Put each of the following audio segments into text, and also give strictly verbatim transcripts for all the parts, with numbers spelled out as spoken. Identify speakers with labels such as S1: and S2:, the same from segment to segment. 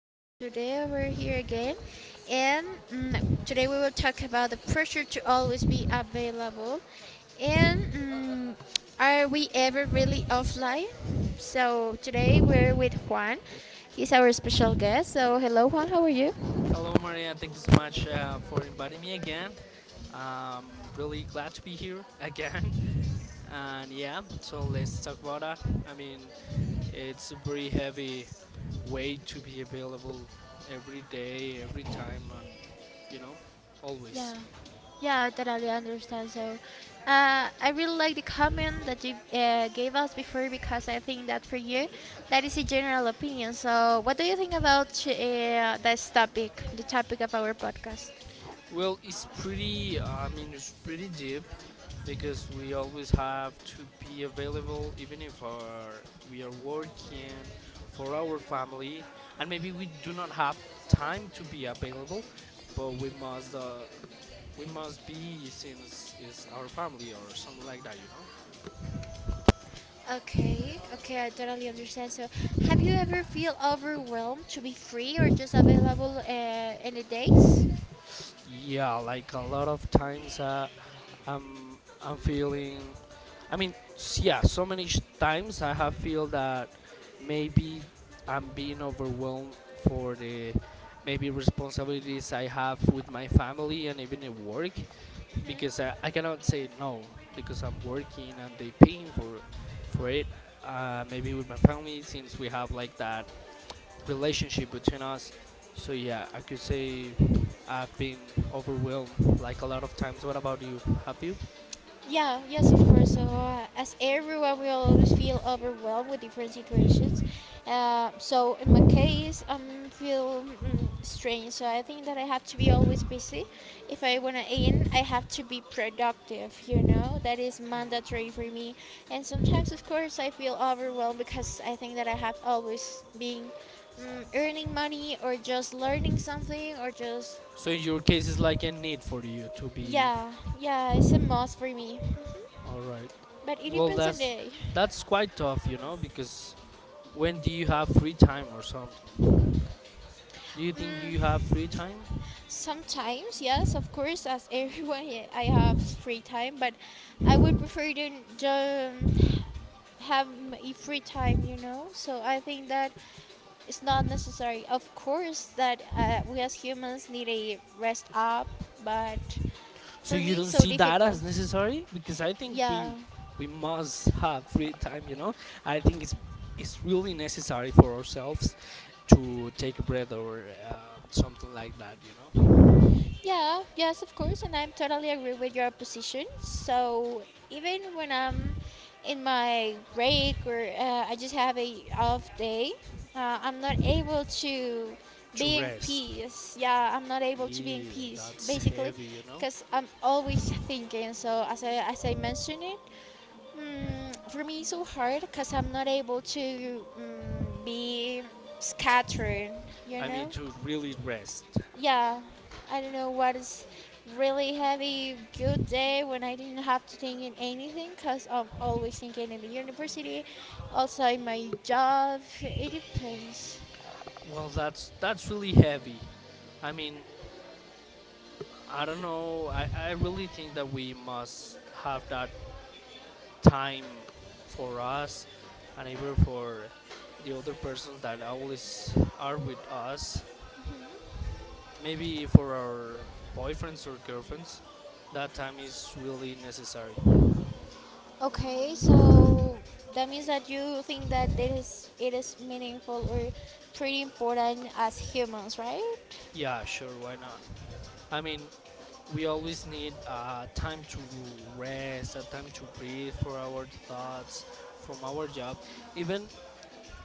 S1: So today we're here again, and mm, today we will talk about the pressure to always be available, and mm, are we ever really offline? So today we're with Juan. He's our special guest. So hello Juan, how are you?
S2: Hello, Maria. Thank you so much uh, for inviting me again. Um, really glad to be here again. And yeah, so let's talk about that. I mean, it's a very heavy way to be available every day, every time, and you know,
S1: Yeah,
S2: always.
S1: yeah, I totally understand. So, uh, I really like the comment that you uh, gave us before because I think that for you, that is a general opinion. So, what do you think about uh, this topic, the topic of our podcast?
S2: Well, it's pretty. I mean, it's pretty deep, because we always have to be available. Even if our, we are working for our family and maybe we do not have time to be available, but we must uh, we must be, since it's our family or something like that you know
S1: Okay, okay, I totally understand. So, have you ever feel overwhelmed to be free or just available uh, any days?
S2: Yeah, like a lot of times, uh, I'm I'm feeling. I mean, s- yeah. So many sh- times I have feel that maybe I'm being overwhelmed for the maybe responsibilities I have with my family and even at work, because I, I cannot say no because I'm working and they paying for for it. Uh, maybe with my family, since we have like that relationship between us. So yeah, I could say I've been overwhelmed like a lot of times. What about you? Have you?
S1: Yeah, yes, of course. So, uh, as everyone, we always feel overwhelmed with different situations. Uh, so, in my case, I um, feel mm, strange. So, I think that I have to be always busy. If I want to aim, I have to be productive, you know? That is mandatory for me. And sometimes, of course, I feel overwhelmed because I think that I have always been mm, earning money or just learning something or just.
S2: So in your case, it's like a need for you to be.
S1: Yeah, yeah, it's a must for me. Mhm.
S2: All right.
S1: But it
S2: Well,
S1: depends on
S2: that's
S1: day.
S2: that's quite tough, you know, because when do you have free time or something? Do you think you have
S1: Mm,
S2: free time?
S1: sometimes, yes, of course, as everyone, yeah, I have free time, but I would prefer to um, have a free time, you know. So I think that it's not necessary. Of course, that uh, we as humans need a rest up, but
S2: So
S1: for
S2: you
S1: me,
S2: don't
S1: so
S2: see that
S1: difficult.
S2: as necessary? Because I think we
S1: Yeah.
S2: we must have free time, you know. I think it's it's really necessary for ourselves to take a breath or uh, something like that, you know,
S1: Yeah, yes, of course, and I'm totally agree with your position. So even when I'm in my break or uh, I just have a off day, uh, I'm not able to
S2: to
S1: be in
S2: rest.
S1: peace. Yeah, I'm not able to be in
S2: Yeah,
S1: peace
S2: that's
S1: basically,
S2: heavy, you know.
S1: because I'm always thinking. So as I as I mentioned it, mm, for me it's so hard because I'm not able to mm, be scattered. You
S2: I mean,
S1: know.
S2: to really rest.
S1: Yeah, I don't know what is really heavy good day when I didn't have to think in anything because I'm always thinking in the university, also in my job. It depends.
S2: Well, that's that's really heavy. I mean, I don't know. I, I really think that we must have that time for us, and even for the other persons that always are with us. Maybe for our boyfriends or girlfriends, that time is really necessary.
S1: Okay, so that means that you think that it is it is meaningful or pretty important as humans, right?
S2: Yeah, sure, why not? I mean, we always need uh, time to rest, a time to breathe for our thoughts from our job. Even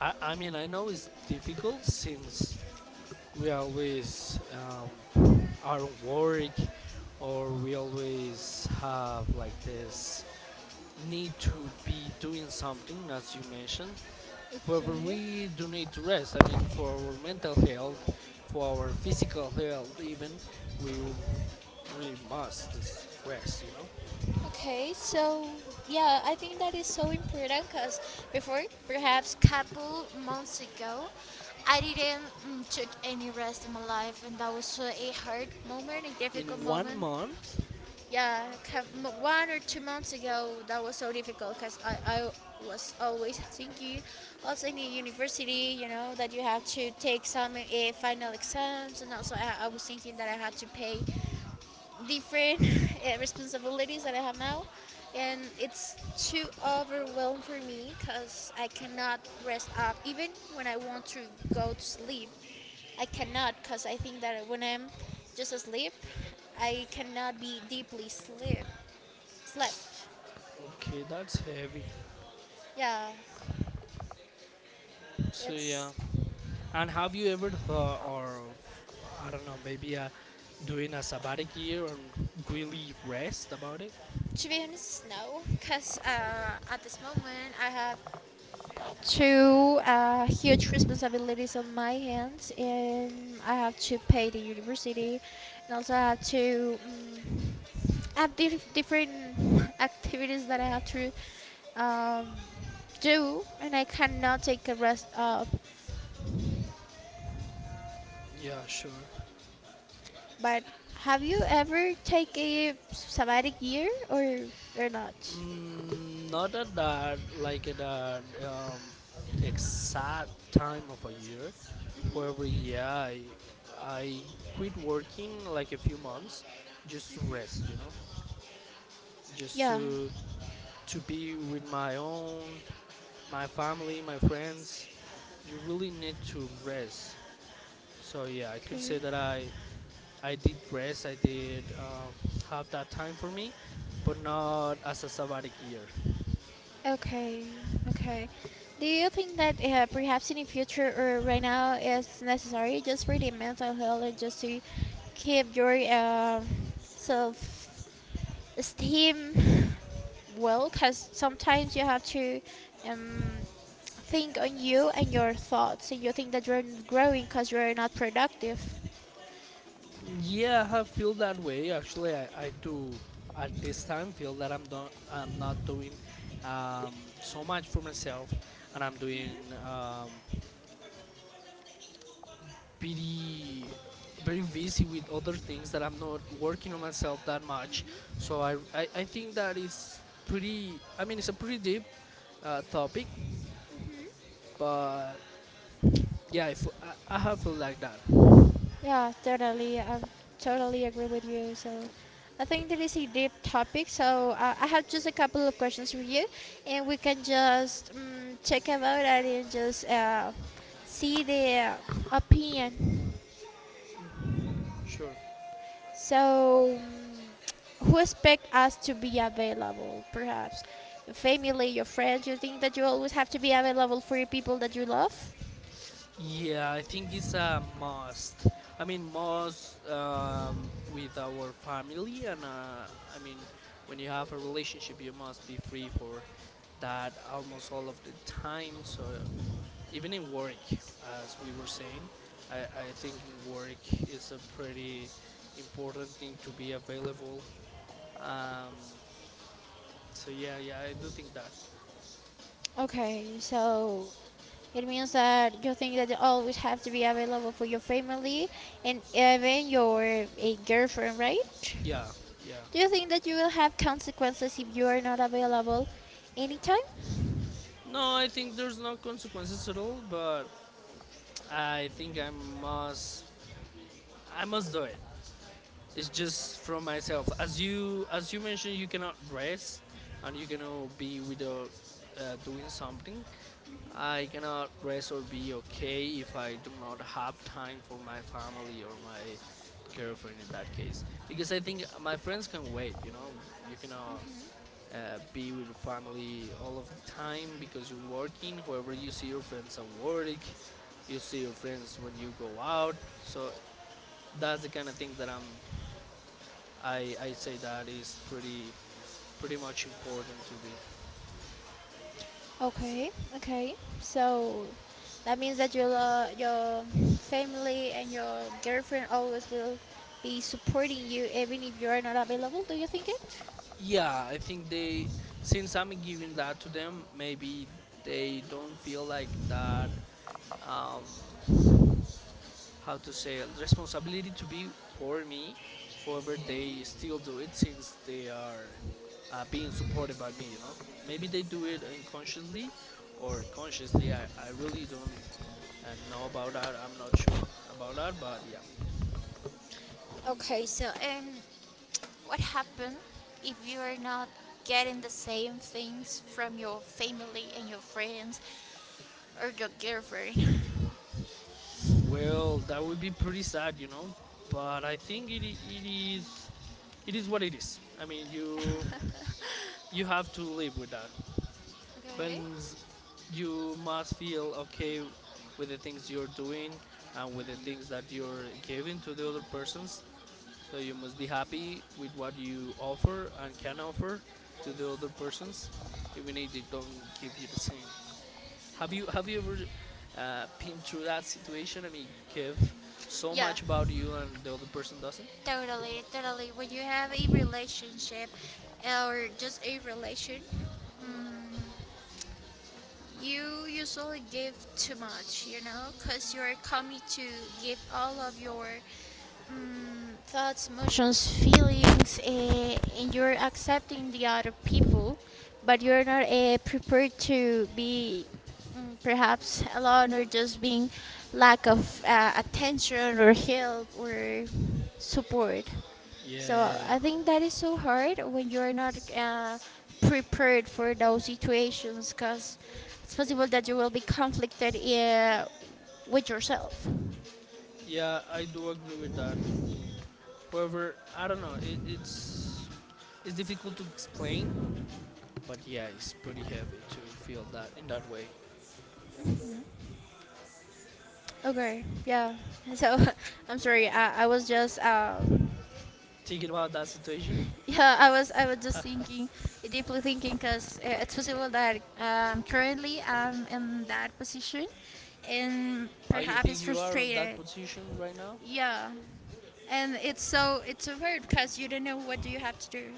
S2: I, I mean, I know it's difficult since we always um, are on work, or we always have like this need to be doing something, as you mentioned. However,
S1: Okay.
S2: we do need to rest. I mean, for our mental health, for our physical health, even, we, we must just rest, you know?
S1: Okay, so yeah, I think that is so important because before, perhaps couple months ago, I didn't mm, took any rest in my life, and that was uh, a hard moment, a difficult
S2: In one
S1: moment.
S2: month?
S1: Yeah, cou- m- one or two months ago, that was so difficult because I, I was always thinking, also in the university, you know, that you have to take some uh, final exams, and also I, I was thinking that I had to pay different uh, responsibilities that I have now, and it's too overwhelming for me because I cannot rest up even when I want to go to sleep. I cannot because I think that when I'm just asleep, I cannot be deeply sleep slept.
S2: Okay, that's heavy.
S1: Yeah,
S2: So, yeah.
S1: it's
S2: And have you ever thought, or I don't know, maybe uh, doing a sabbatic year and really rest about it?
S1: to be honest, no, because uh, at this moment I have two uh, huge responsibilities on my hands, and I have to pay the university, and also I have to um, have diff- different activities that I have to um, do, and I cannot take a rest up.
S2: Yeah, sure.
S1: But have you ever take a sabbatic year or or not?
S2: Mm, not at that, like at that um, exact time of a year. However, yeah, I, I quit working like a few months just to rest, you know, just
S1: Yeah.
S2: to to be with my own, my family, my friends. You really need to rest. So yeah, I could
S1: Okay.
S2: say that I I did rest. I did uh, have that time for me, but not as a sabbatic year.
S1: Okay, okay. Do you think that uh, perhaps in the future or right now is necessary just for the mental health and just to keep your um self esteem well? Because sometimes you have to um, think on you and your thoughts, and you think that you're not growing because you're not productive.
S2: Yeah, I have feel that way. Actually, I, I do at this time feel that I'm not I'm not doing um, so much for myself, and I'm doing um, pretty very busy with other things, that I'm not working on myself that much. So I I, I think that is pretty. I mean, it's a pretty deep uh, topic, but yeah, I, f- I I have felt like that.
S1: Yeah, totally. I totally agree with you. So, I think that is a deep topic. So, uh, I have just a couple of questions for you, and we can just um, check about it and just uh, see the opinion.
S2: Sure.
S1: So, mm, who expect us to be available? Perhaps your family, your friends. You think that you always have to be available for your people that you love?
S2: Yeah, I think it's a must. I mean, must um, with our family, and uh, I mean, when you have a relationship, you must be free for that almost all of the time. So even in work, as we were saying, I, I think in work is a pretty important thing to be available. Um, so yeah, yeah, I do think that.
S1: Okay, so it means that you think that you always have to be available for your family and even your a girlfriend, right?
S2: Yeah, yeah.
S1: Do you think that you will have consequences if you are not available anytime?
S2: No, I think there's no consequences at all, but I think I must I must do it. It's just from myself. As you as you mentioned, you cannot rest and you cannot be without uh, doing something. I cannot rest or be okay if I do not have time for my family or my girlfriend, in that case, because I think my friends can wait. You know, you cannot uh, be with your family all of the time because you're working. However, you see your friends at work, you see your friends when you go out. So that's the kind of thing that I'm. I I say that is pretty pretty much important to be.
S1: Okay, okay. So that means that your lo- your family and your girlfriend always will be supporting you even if you are not available. Do you think it?
S2: Yeah, I think they, since I'm giving that to them, maybe they don't feel like that. Um, how to say responsibility to be for me, however they still do it since they are uh, being supported by me, you know. Maybe they do it unconsciously or consciously. i, I really don't uh, know about that. I'm not sure about that, but yeah.
S1: Okay, so um, what happens if you are not getting the same things from your family and your friends or your girlfriend?
S2: Well, that would be pretty sad, you know, but I think it, i- it is it is what it is. I mean, you you have to live with that
S1: Okay.
S2: happens. You must feel okay with the things you're doing and with the things that you're giving to the other persons. So you must be happy with what you offer and can offer to the other persons, even if they don't give you the same. Have you have you ever uh, been through that situation? I mean, give so
S1: Yeah,
S2: much about you and the other person doesn't.
S1: totally, totally. When you have a relationship or just a relation, mm you usually give too much, you know, because you're coming to give all of your mm, thoughts, emotions, feelings, uh, and you're accepting the other people, but you're not uh, prepared to be mm, perhaps alone or just being lack of uh, attention or help or support.
S2: Yeah,
S1: So
S2: yeah, yeah.
S1: I think that is so hard when you are not uh, prepared for those situations because it's possible that you will be conflicted uh, with yourself.
S2: Yeah, I do agree with that. However, I don't know. It, it's it's difficult to explain, but yeah, it's pretty heavy to feel that in that way.
S1: Okay. Yeah. So I'm sorry. I, I was just um
S2: Thinking about that situation,
S1: yeah I was I was just thinking deeply thinking because it's possible that um currently I'm in that position and
S2: how you
S1: perhaps
S2: think
S1: it's
S2: you are on that
S1: frustrated.
S2: position right now,
S1: Yeah, and it's so it's so weird because you don't know what do you have to do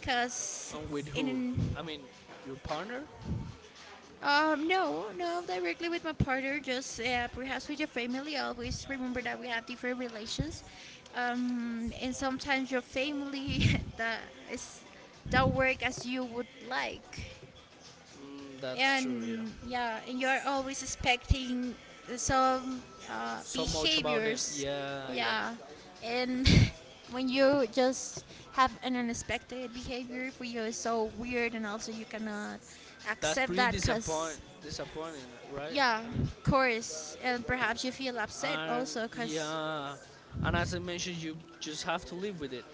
S1: because
S2: and with who?
S1: in
S2: I mean, your partner.
S1: um no no directly with my partner just uh, perhaps with your family, always remember that we have different relations, um and sometimes your family that is don't work as you would like,
S2: Mm, that's true. Yeah.
S1: and yeah, and you are always expecting some uh,
S2: So much about them.
S1: behaviors,
S2: Yeah, yeah.
S1: yeah, and when you just have an unexpected behavior for you is so weird and also you cannot
S2: That's
S1: accept
S2: pretty
S1: that
S2: disappoint
S1: because
S2: disappointing, right?
S1: yeah
S2: I mean,
S1: of course and perhaps you feel upset
S2: and
S1: also because
S2: yeah, and as I mentioned, you just have to live with it.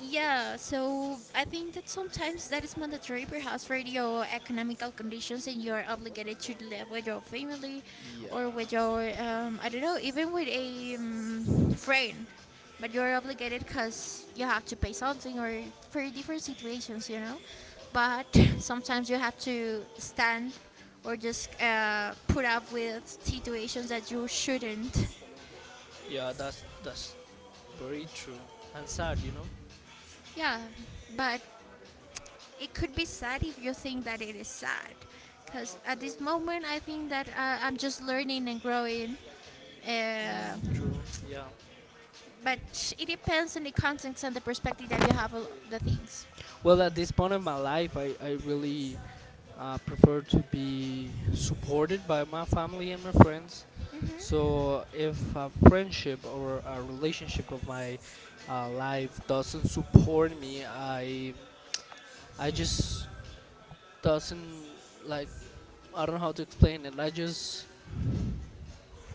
S1: yeah, so I think that sometimes that is mandatory, perhaps for your economical conditions, and you are obligated to live with your family,
S2: Yeah.
S1: or with your um, I don't know, even with a um, friend. But you are obligated because you have to pay something, or for different situations, you know. But sometimes you have to stand, or just uh, put up with situations that you shouldn't.
S2: Yeah, that's that's very true and sad, you know.
S1: Yeah, but it could be sad if you think that it is sad because at this moment I think that uh, I'm just learning and growing, uh,
S2: Mm, true. Yeah.
S1: but it depends on the context and the perspective that you have of the things.
S2: Well, at this point of my life, I I really uh, prefer to be supported by my family and my friends. So if a friendship or a relationship of my uh, life doesn't support me, I I just doesn't like. I don't know how to explain it. I just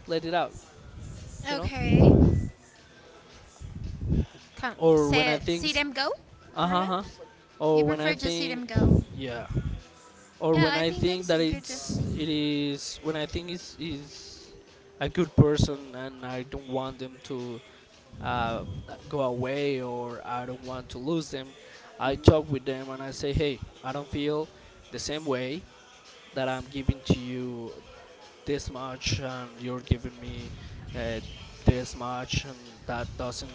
S2: let it out, you know.
S1: Okay. Come,
S2: Or when I
S1: say,
S2: think.
S1: see them go
S2: Uh huh. Huh.
S1: perhaps you
S2: Or when I
S1: prefer just see
S2: think,
S1: them go,
S2: yeah. Or
S1: yeah
S2: when
S1: I
S2: I
S1: think that
S2: think
S1: is a
S2: that
S1: good just
S2: it's it is, when I think it's is a good person, and I don't want them to uh, go away, or I don't want to lose them. I talk with them and I say, hey, I don't feel the same way that I'm giving to you this much and you're giving me uh, this much, and that doesn't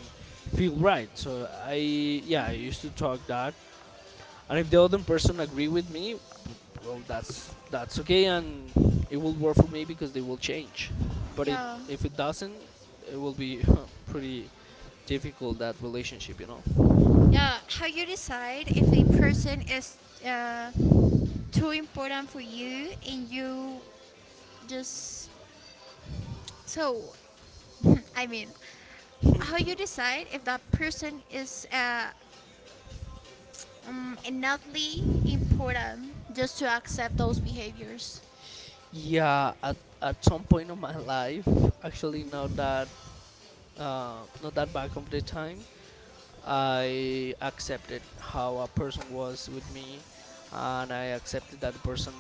S2: feel right. So I yeah, I used to talk that, and if the other person agree with me, well, that's that's okay, and it will work for me because they will change. But it,
S1: yeah
S2: if it doesn't, it will be pretty difficult, that relationship, you know.
S1: yeah. How you decide if a person is uh, too important for you and you just so I mean, how you decide if that person is uh, um, enoughly important just to accept those behaviors.
S2: Yeah, at at some point of my life, actually, not that uh, not that back of the time, I accepted how a person was with me, and I accepted that the person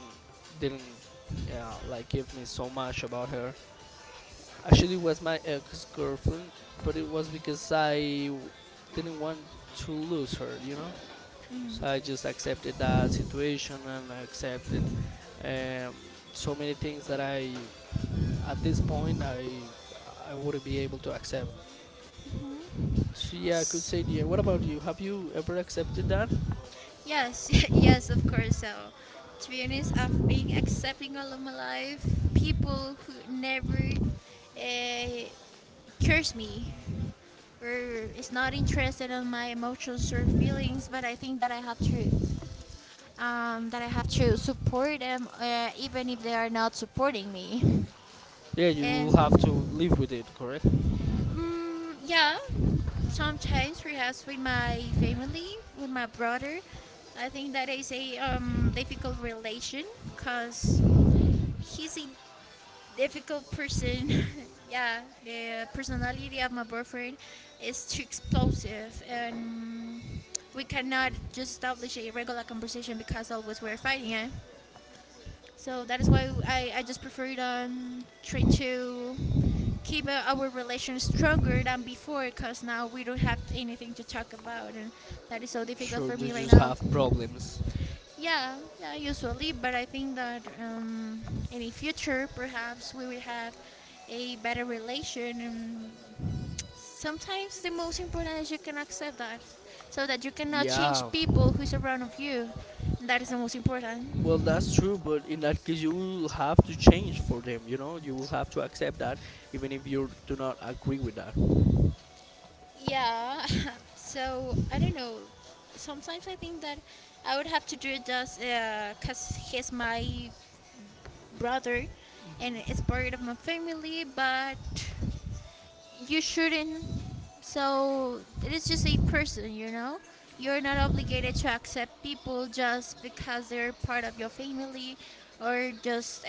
S2: didn't uh, like give me so much about her. Actually, it was my ex girlfriend, but it was because I w- didn't want to lose her, you know. So I just accepted that situation and I accepted um, so many things that I, at this point, I I wouldn't be able to accept. So yeah, I could
S1: S-
S2: say yeah. What about you? Have you ever accepted that?
S1: Yes, yes, of course. So, to be honest, I've been accepting all of my life people who never uh, curse me or is not interested in my emotions or feelings. But I think that I have to um, that I have to support them, uh, even if they are not supporting me.
S2: Yeah, you will have to
S1: And
S2: live with it, correct?
S1: Mm, yeah, sometimes perhaps with my family, with my brother. I think that is a um, difficult relation because he's a difficult person. Yeah, the personality of my boyfriend is too explosive, and we cannot just establish a regular conversation because always we're fighting. Eh? So that is why I, I just prefer um, try to keep uh, our relation stronger than before because now we don't have anything to talk about and that is so difficult
S2: Sure,
S1: for
S2: you
S1: me right
S2: just
S1: now.
S2: have problems.
S1: Yeah, yeah, usually, but I think that um, in the future perhaps we will have a better relation. And sometimes the most important is you can accept that so that you cannot change
S2: Yeah.
S1: people who's around of you. That is the most
S2: Well, that's
S1: important.
S2: true, but in that case, you will have to change for them. You know, you will have to accept that, even if you do not agree with that.
S1: Yeah. So I don't know. Sometimes I think that I would have to do it just because he's my brother, and it's part of my family. But you shouldn't. So it is just a person, you know. You're not obligated to accept people just because they're part of your family, or just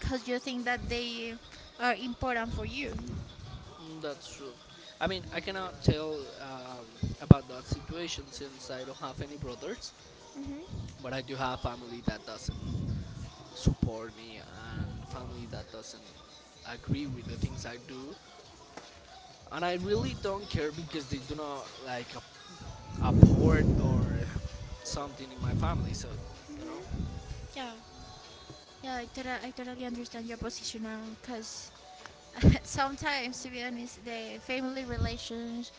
S1: because you think that they are important for you.
S2: Mm, that's true. I mean, I cannot tell um, about that situation, since I don't have any brothers, but I do have family that doesn't support me, and family that doesn't agree with the things I do, and I really don't care because they do not like ap- apport or something in my family. So, you know.
S1: Yeah. Yeah, I, tota- I totally understand your position now because sometimes, to be honest, the family relations,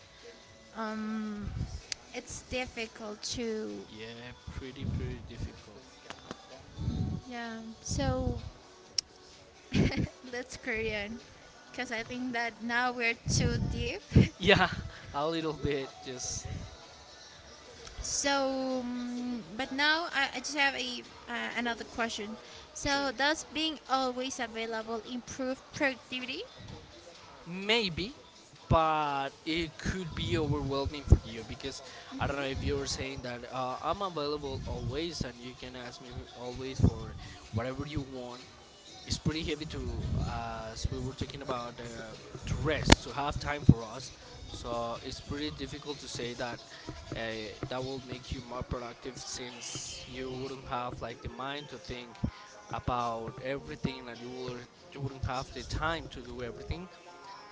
S1: um, it's difficult to.
S2: Yeah, pretty pretty difficult.
S1: Yeah, so let's carry on because I think that now we're too deep.
S2: Yeah, a little bit. Just
S1: So, um, but now I, I just have a uh, another question.
S2: sure.
S1: So, does being always available improve productivity?
S2: Maybe, but it could be overwhelming for you because I don't know if you're saying that, uh, I'm available always and you can ask me always for whatever you want. It's pretty heavy to, as we were talking about, uh, to rest, to have time for us. So it's pretty difficult to say that uh, that will make you more productive, since you wouldn't have like the mind to think about everything, and you will you wouldn't have the time to do everything,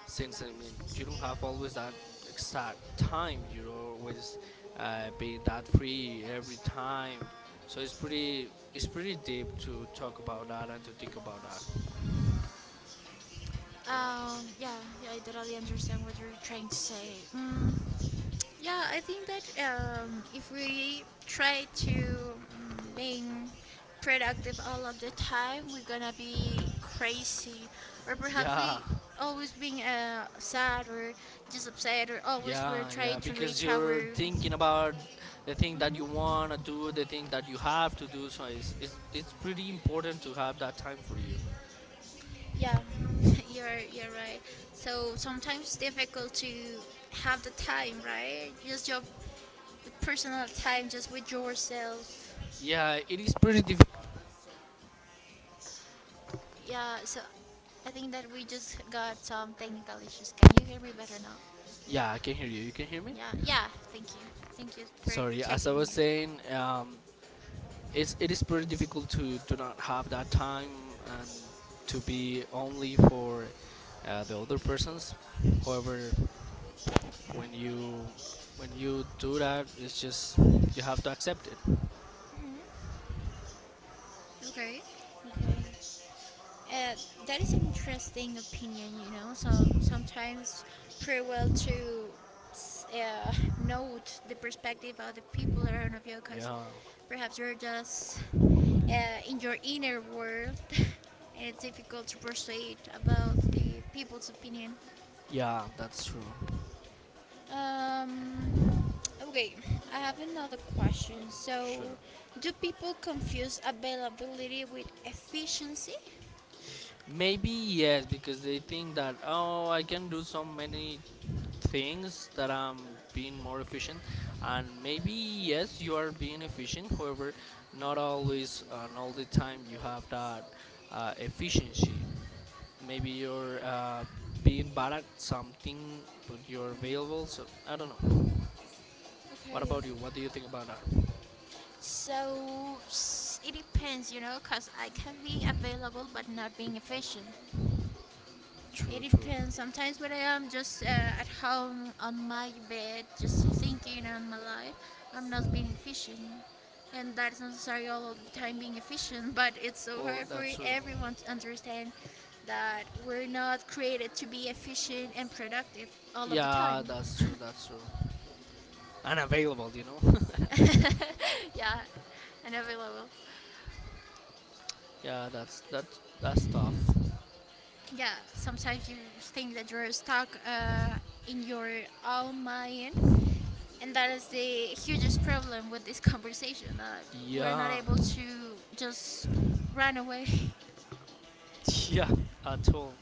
S2: since I mean you don't have always that exact time. You don't always uh, be that free every time. So it's pretty it's pretty deep to talk about that and to think about that. You know.
S1: Um, yeah, yeah, I totally understand what you're trying to say. Mm, yeah, I think that um, if we try to mm, being productive all of the time, we're gonna be crazy, or perhaps
S2: Yeah,
S1: we always being uh, sad or just upset, or always we're
S2: yeah, yeah.
S1: trying to
S2: Because
S1: reach
S2: you're
S1: our.
S2: thinking about the thing that you
S1: Mhm.
S2: wanna do, the thing that you have to do. So it's it's, it's pretty important to have that time for you.
S1: Yeah, you're you're right. So sometimes it's difficult to have the time, right? Just your personal time, just with yourself.
S2: Yeah, it is pretty difficult.
S1: Yeah, so I think that we just got some technical issues. Can you hear me better now?
S2: Yeah, I can hear you. You can hear me?
S1: Yeah, yeah, thank you. Thank you for
S2: Sorry, as I
S1: checking
S2: was
S1: me.
S2: saying, um, it's it is pretty difficult to do not have that time and to be only for uh, the other persons. However, when you when you do that, it's just you have to accept it.
S1: Okay. Okay. Uh, that is an interesting opinion, you know. So sometimes pretty well to s- uh, note the perspective of the people around of you because
S2: Yeah,
S1: perhaps you're just uh, in your inner world and it's difficult to persuade about the people's opinion.
S2: yeah, that's true.
S1: Um, okay, I have another question.
S2: Sure.
S1: So, do people confuse availability with efficiency?
S2: Maybe yes, because they think that oh, I can do so many things that I'm being more efficient. And maybe yes, you are being efficient. However, not always and all the time you have that uh, efficiency. Maybe you're uh, being bad at something, but you're available. So I don't know. What
S1: Okay.
S2: about you? What do you think about that?
S1: So, s- it depends, you know, because I can be available but not being efficient. It
S2: True, true.
S1: depends. Sometimes when I am just uh, at home on my bed, just thinking on my life, I'm not being efficient. And that's not necessarily all the time being efficient, but it's so
S2: Well,
S1: hard for
S2: that's true.
S1: everyone to understand that we're not created to be efficient and productive all of the time.
S2: Yeah, that's true. That's true. And available, you know.
S1: Yeah, and every level.
S2: Yeah, that's that's that's tough.
S1: Yeah, sometimes you think that you're stuck uh, in your own mind. And that is the hugest problem with this conversation that we're not
S2: Yeah,
S1: able to just run away.
S2: yeah, at all.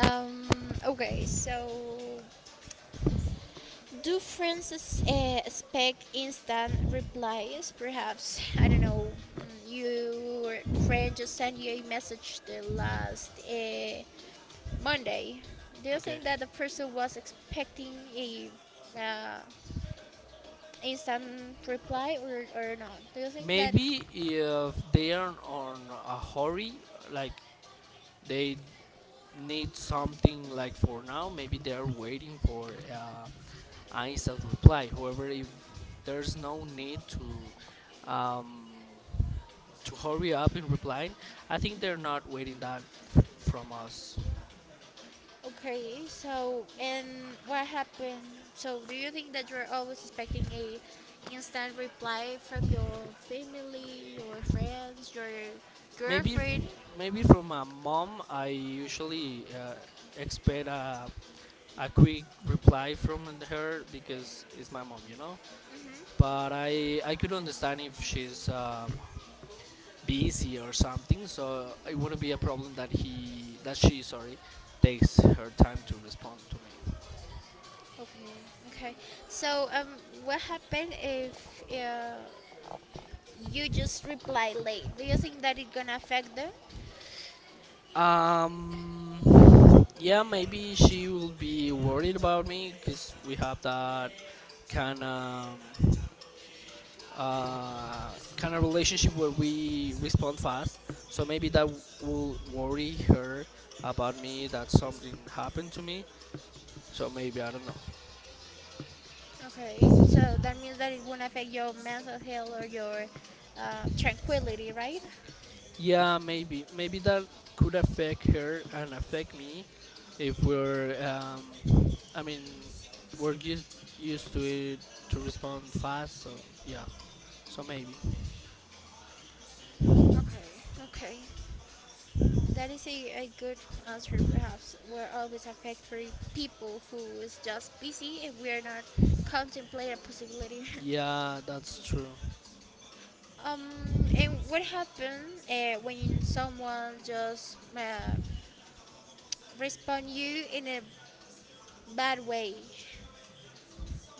S1: Um, okay, so do friends s- eh, expect instant replies? Perhaps, I don't know, mm, your friend just sent you a message the last uh, Monday. Do you
S2: Okay.
S1: think that the person was expecting a uh, instant reply or, or not? Do you think that.
S2: Maybe if they are on a hurry, like they need something like for now, maybe they are waiting for uh, an instant reply. However, if there's no need to um, to hurry up in replying, I think they're not waiting that f- from us.
S1: Okay, so and what happened? So do you think that you're always expecting a instant reply from your family, your friends, your
S2: Maybe f-
S1: girlfriend?
S2: maybe from my mom, I usually uh, expect a a quick reply from her because it's my mom, you know.
S1: Mm-hmm.
S2: But I I could understand if she's um, busy or something, so it wouldn't be a problem that he that she, sorry, takes her time to respond to me.
S1: Okay, okay. So um, what happened if uh, you just reply late? Do you think that it gonna affect them?
S2: Um, yeah, maybe she will be worried about me because we have that kind of uh, kind of relationship where we respond fast. So maybe that w- will worry her about me that something happened to me. So maybe I don't know.
S1: Okay, so that means that it won't affect your mental health or your uh, tranquility, right?
S2: Yeah, maybe. Maybe that could affect her and affect me if we're, um, I mean, we're used, used to it to respond fast, so yeah, so maybe.
S1: Okay, okay. That is a, a good answer, perhaps. We're always affect for people who is just busy and we are not contemplate a possibility.
S2: Yeah, that's true.
S1: um, and what happens uh, when someone just uh, respond you in a bad way?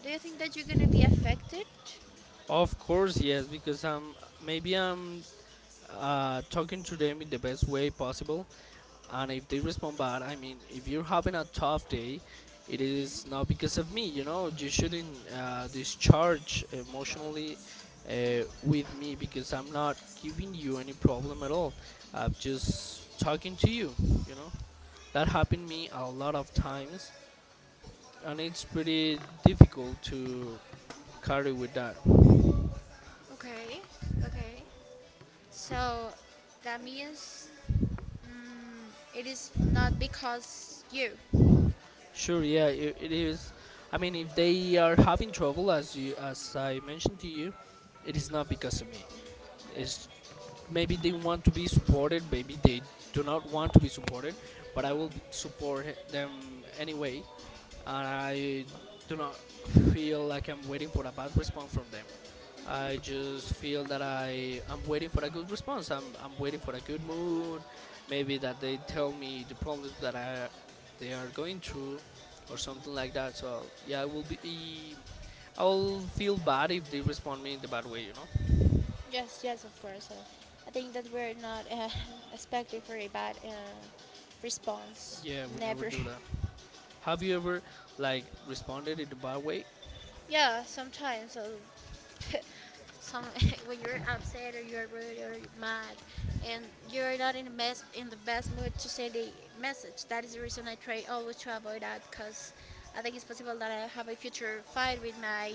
S1: Do you think that you're gonna be affected?
S2: Of course, yes, because I'm, maybe I'm uh, talking to them in the best way possible, and if they respond bad, I mean, if you're having a tough day, it is not because of me, you know. You shouldn't uh, discharge emotionally uh, with me because I'm not giving you any problem at all. I'm just talking to you, you know. That happened me a lot of times, and it's pretty difficult to carry with that.
S1: Okay, okay. So that means mm, it is not because you.
S2: Sure, yeah, it, it is. I mean, if they are having trouble as you as I mentioned to you, it is not because of me. It's maybe they want to be supported, maybe they do not want to be supported, but i will be- support he- them anyway, and I do not feel like I'm waiting for a bad response from them. I just feel that I am waiting for a good response. i'm, I'm waiting for a good mood, maybe that they tell me the problems that I, they are going through or something like that. So yeah, I will be I'll feel bad if they respond me in the bad way, you know.
S1: Yes, yes, of course. Uh, I think that we're not uh, expecting for a bad uh, response.
S2: Yeah, we never
S1: Never.
S2: do that. Have you ever like responded in a bad way?
S1: Yeah, sometimes. Uh, some when you're upset or you're rude or you're mad, and you're not in the best in the best mood to send a message. That is the reason I try always to avoid that, because I think it's possible that I have a future fight with my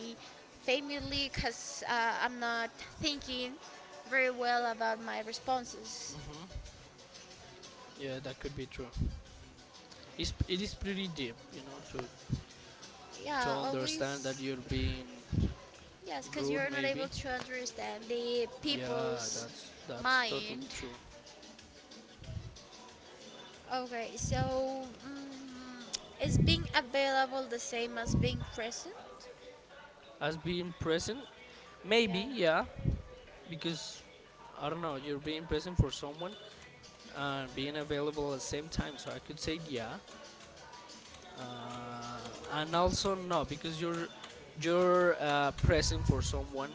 S1: family, because uh, I'm not thinking very well about my responses.
S2: Hmm. Yeah, that could be true. It's, it is pretty deep, you know, to to
S1: Yeah,
S2: understand that
S1: always,
S2: you're being
S1: yes, because
S2: rude,
S1: you're not able
S2: maybe.
S1: to understand the
S2: Yeah,
S1: people's
S2: that's that's totally
S1: mind.
S2: true.
S1: Okay, so mm, is being available the same as being present?
S2: As being present, maybe,
S1: Yeah,
S2: yeah, because I don't know, you're being present for someone and being available at the same time. So I could say yeah, uh, and also no, because you're you're uh, present for someone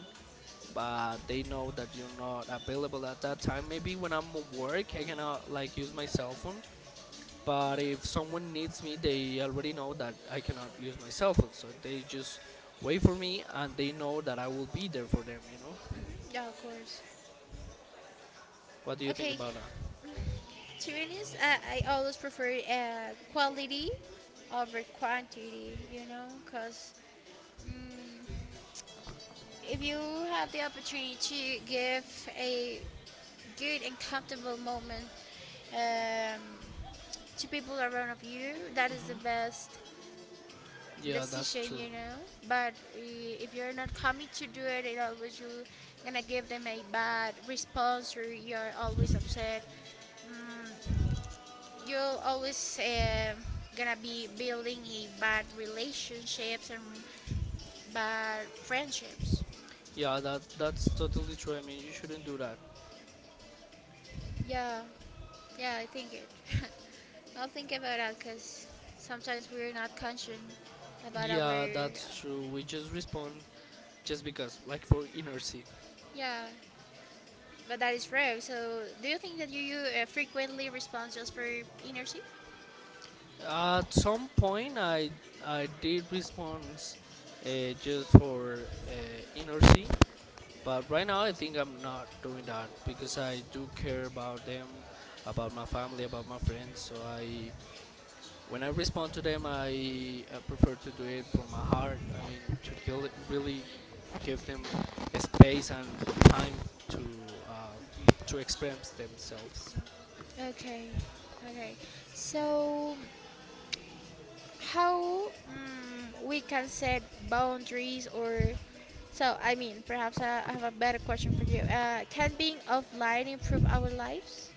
S2: but they know that you're not available at that time. Maybe when I'm at work, I cannot like use my cell phone. But if someone needs me, they already know that I cannot use my cell phone, so they just wait for me and they know that I will be there for them. You know,
S1: yeah, of course.
S2: what do you think
S1: Okay,
S2: about that?
S1: to be honest, I, I always prefer uh, quality over quantity, you know, because mm, if you have the opportunity to give a good and comfortable moment um, to people around of you. That is the best
S2: Yeah, that's
S1: decision,
S2: true.
S1: you know. But i- if you're not coming to do it, it always you gonna give them a bad response, or you're always upset. Mm, you're always um gonna be building a bad relationships and bad friendships.
S2: Yeah, that that's totally true. I mean, you shouldn't do that.
S1: Yeah. Yeah, I think it. I'll think about that because sometimes we're not conscious about
S2: Yeah,
S1: our.
S2: that's true. We just respond just because, like for inertia.
S1: Yeah, but that is rare. So, do you think that you, you uh, frequently respond just for inertia?
S2: At some point, I I did response uh, just for uh, inertia, but right now I think I'm not doing that because I do care about them, about my family, about my friends. So I, when I respond to them, I uh, prefer to do it from my heart. I mean, to kill it, really give them a space and time to uh, to express themselves.
S1: Okay, okay. So, how mm, we can set boundaries or so? I mean, perhaps I I have a better question for you. Uh, can being offline improve our lives?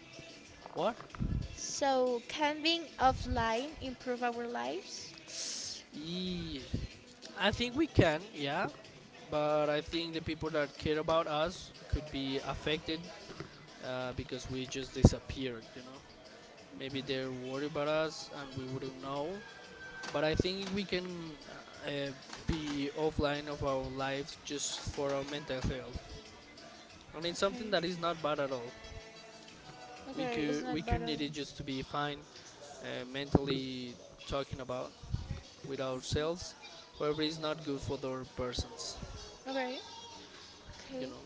S2: What?
S1: So, can being offline improve our lives?
S2: Yeah. I think we can, yeah, but I think the people that care about us could be affected uh, because we just disappeared. You know, maybe they're worried about us and we wouldn't know. But I think we can uh, be offline of our lives just for our mental health, and it's
S1: Okay.
S2: something that is not bad at all. We
S1: Okay, it's
S2: could we
S1: not
S2: could
S1: battle.
S2: need it just to be fine, uh, mentally talking about with ourselves. However, it's not good for the other persons.
S1: Okay.
S2: You
S1: Okay.
S2: know.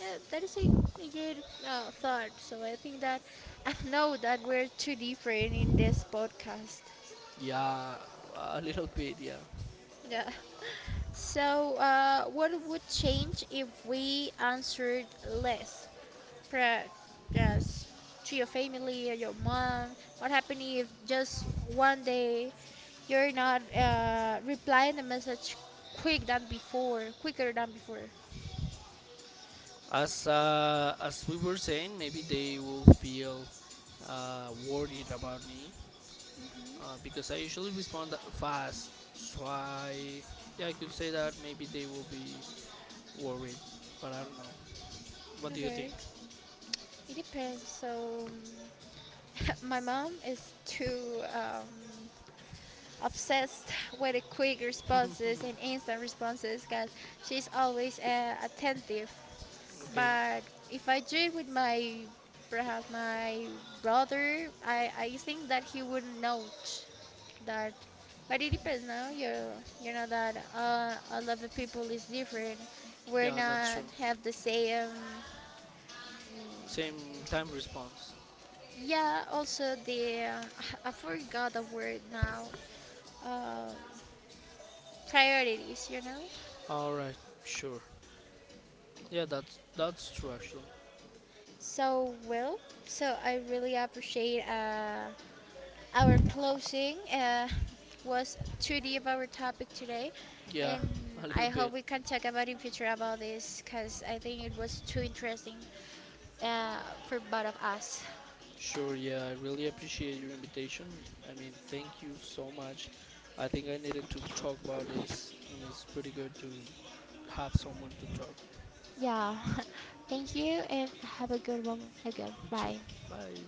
S1: Yeah, that is a, a good uh, thought. So I think that I know that we're too different in this podcast.
S2: Yeah, a little bit. Yeah,
S1: Yeah. So uh, what would change if we answered less? Perhaps yes, to your family or your mom. What happened if just one day you're not uh, replying the message quick than before, quicker than before?
S2: as uh, as we were saying, maybe they will feel uh, worried about me uh, because I usually respond tha- fast. So I, yeah, I could say that maybe they will be worried, but I don't know. What do you
S1: Okay.
S2: think?
S1: It depends. So, my mom is too um, obsessed with the quick responses and instant responses because she's always uh, attentive.
S2: Okay,
S1: But if I do it with my perhaps my brother, I, I think that he would note that. But it depends now. You you know that uh, a lot of the people is different. We're
S2: yeah, that's true.
S1: not have the same.
S2: Same time response.
S1: Yeah, also the uh, I forgot the word now. Uh, priorities, you know.
S2: All right, sure. Yeah, that's that's true actually.
S1: So well, so I really appreciate uh, our closing uh, was two D of our topic today,
S2: Yeah,
S1: and
S2: a
S1: I
S2: little
S1: hope
S2: bit.
S1: we can talk about in future about this because I think it was too interesting uh, for both of us.
S2: Sure, yeah, I really appreciate your invitation. I mean, thank you so much. I think I needed to talk about this, and it's pretty good to have someone to talk
S1: Yeah, thank you and have a good one again.
S2: with you.
S1: Bye.
S2: Bye.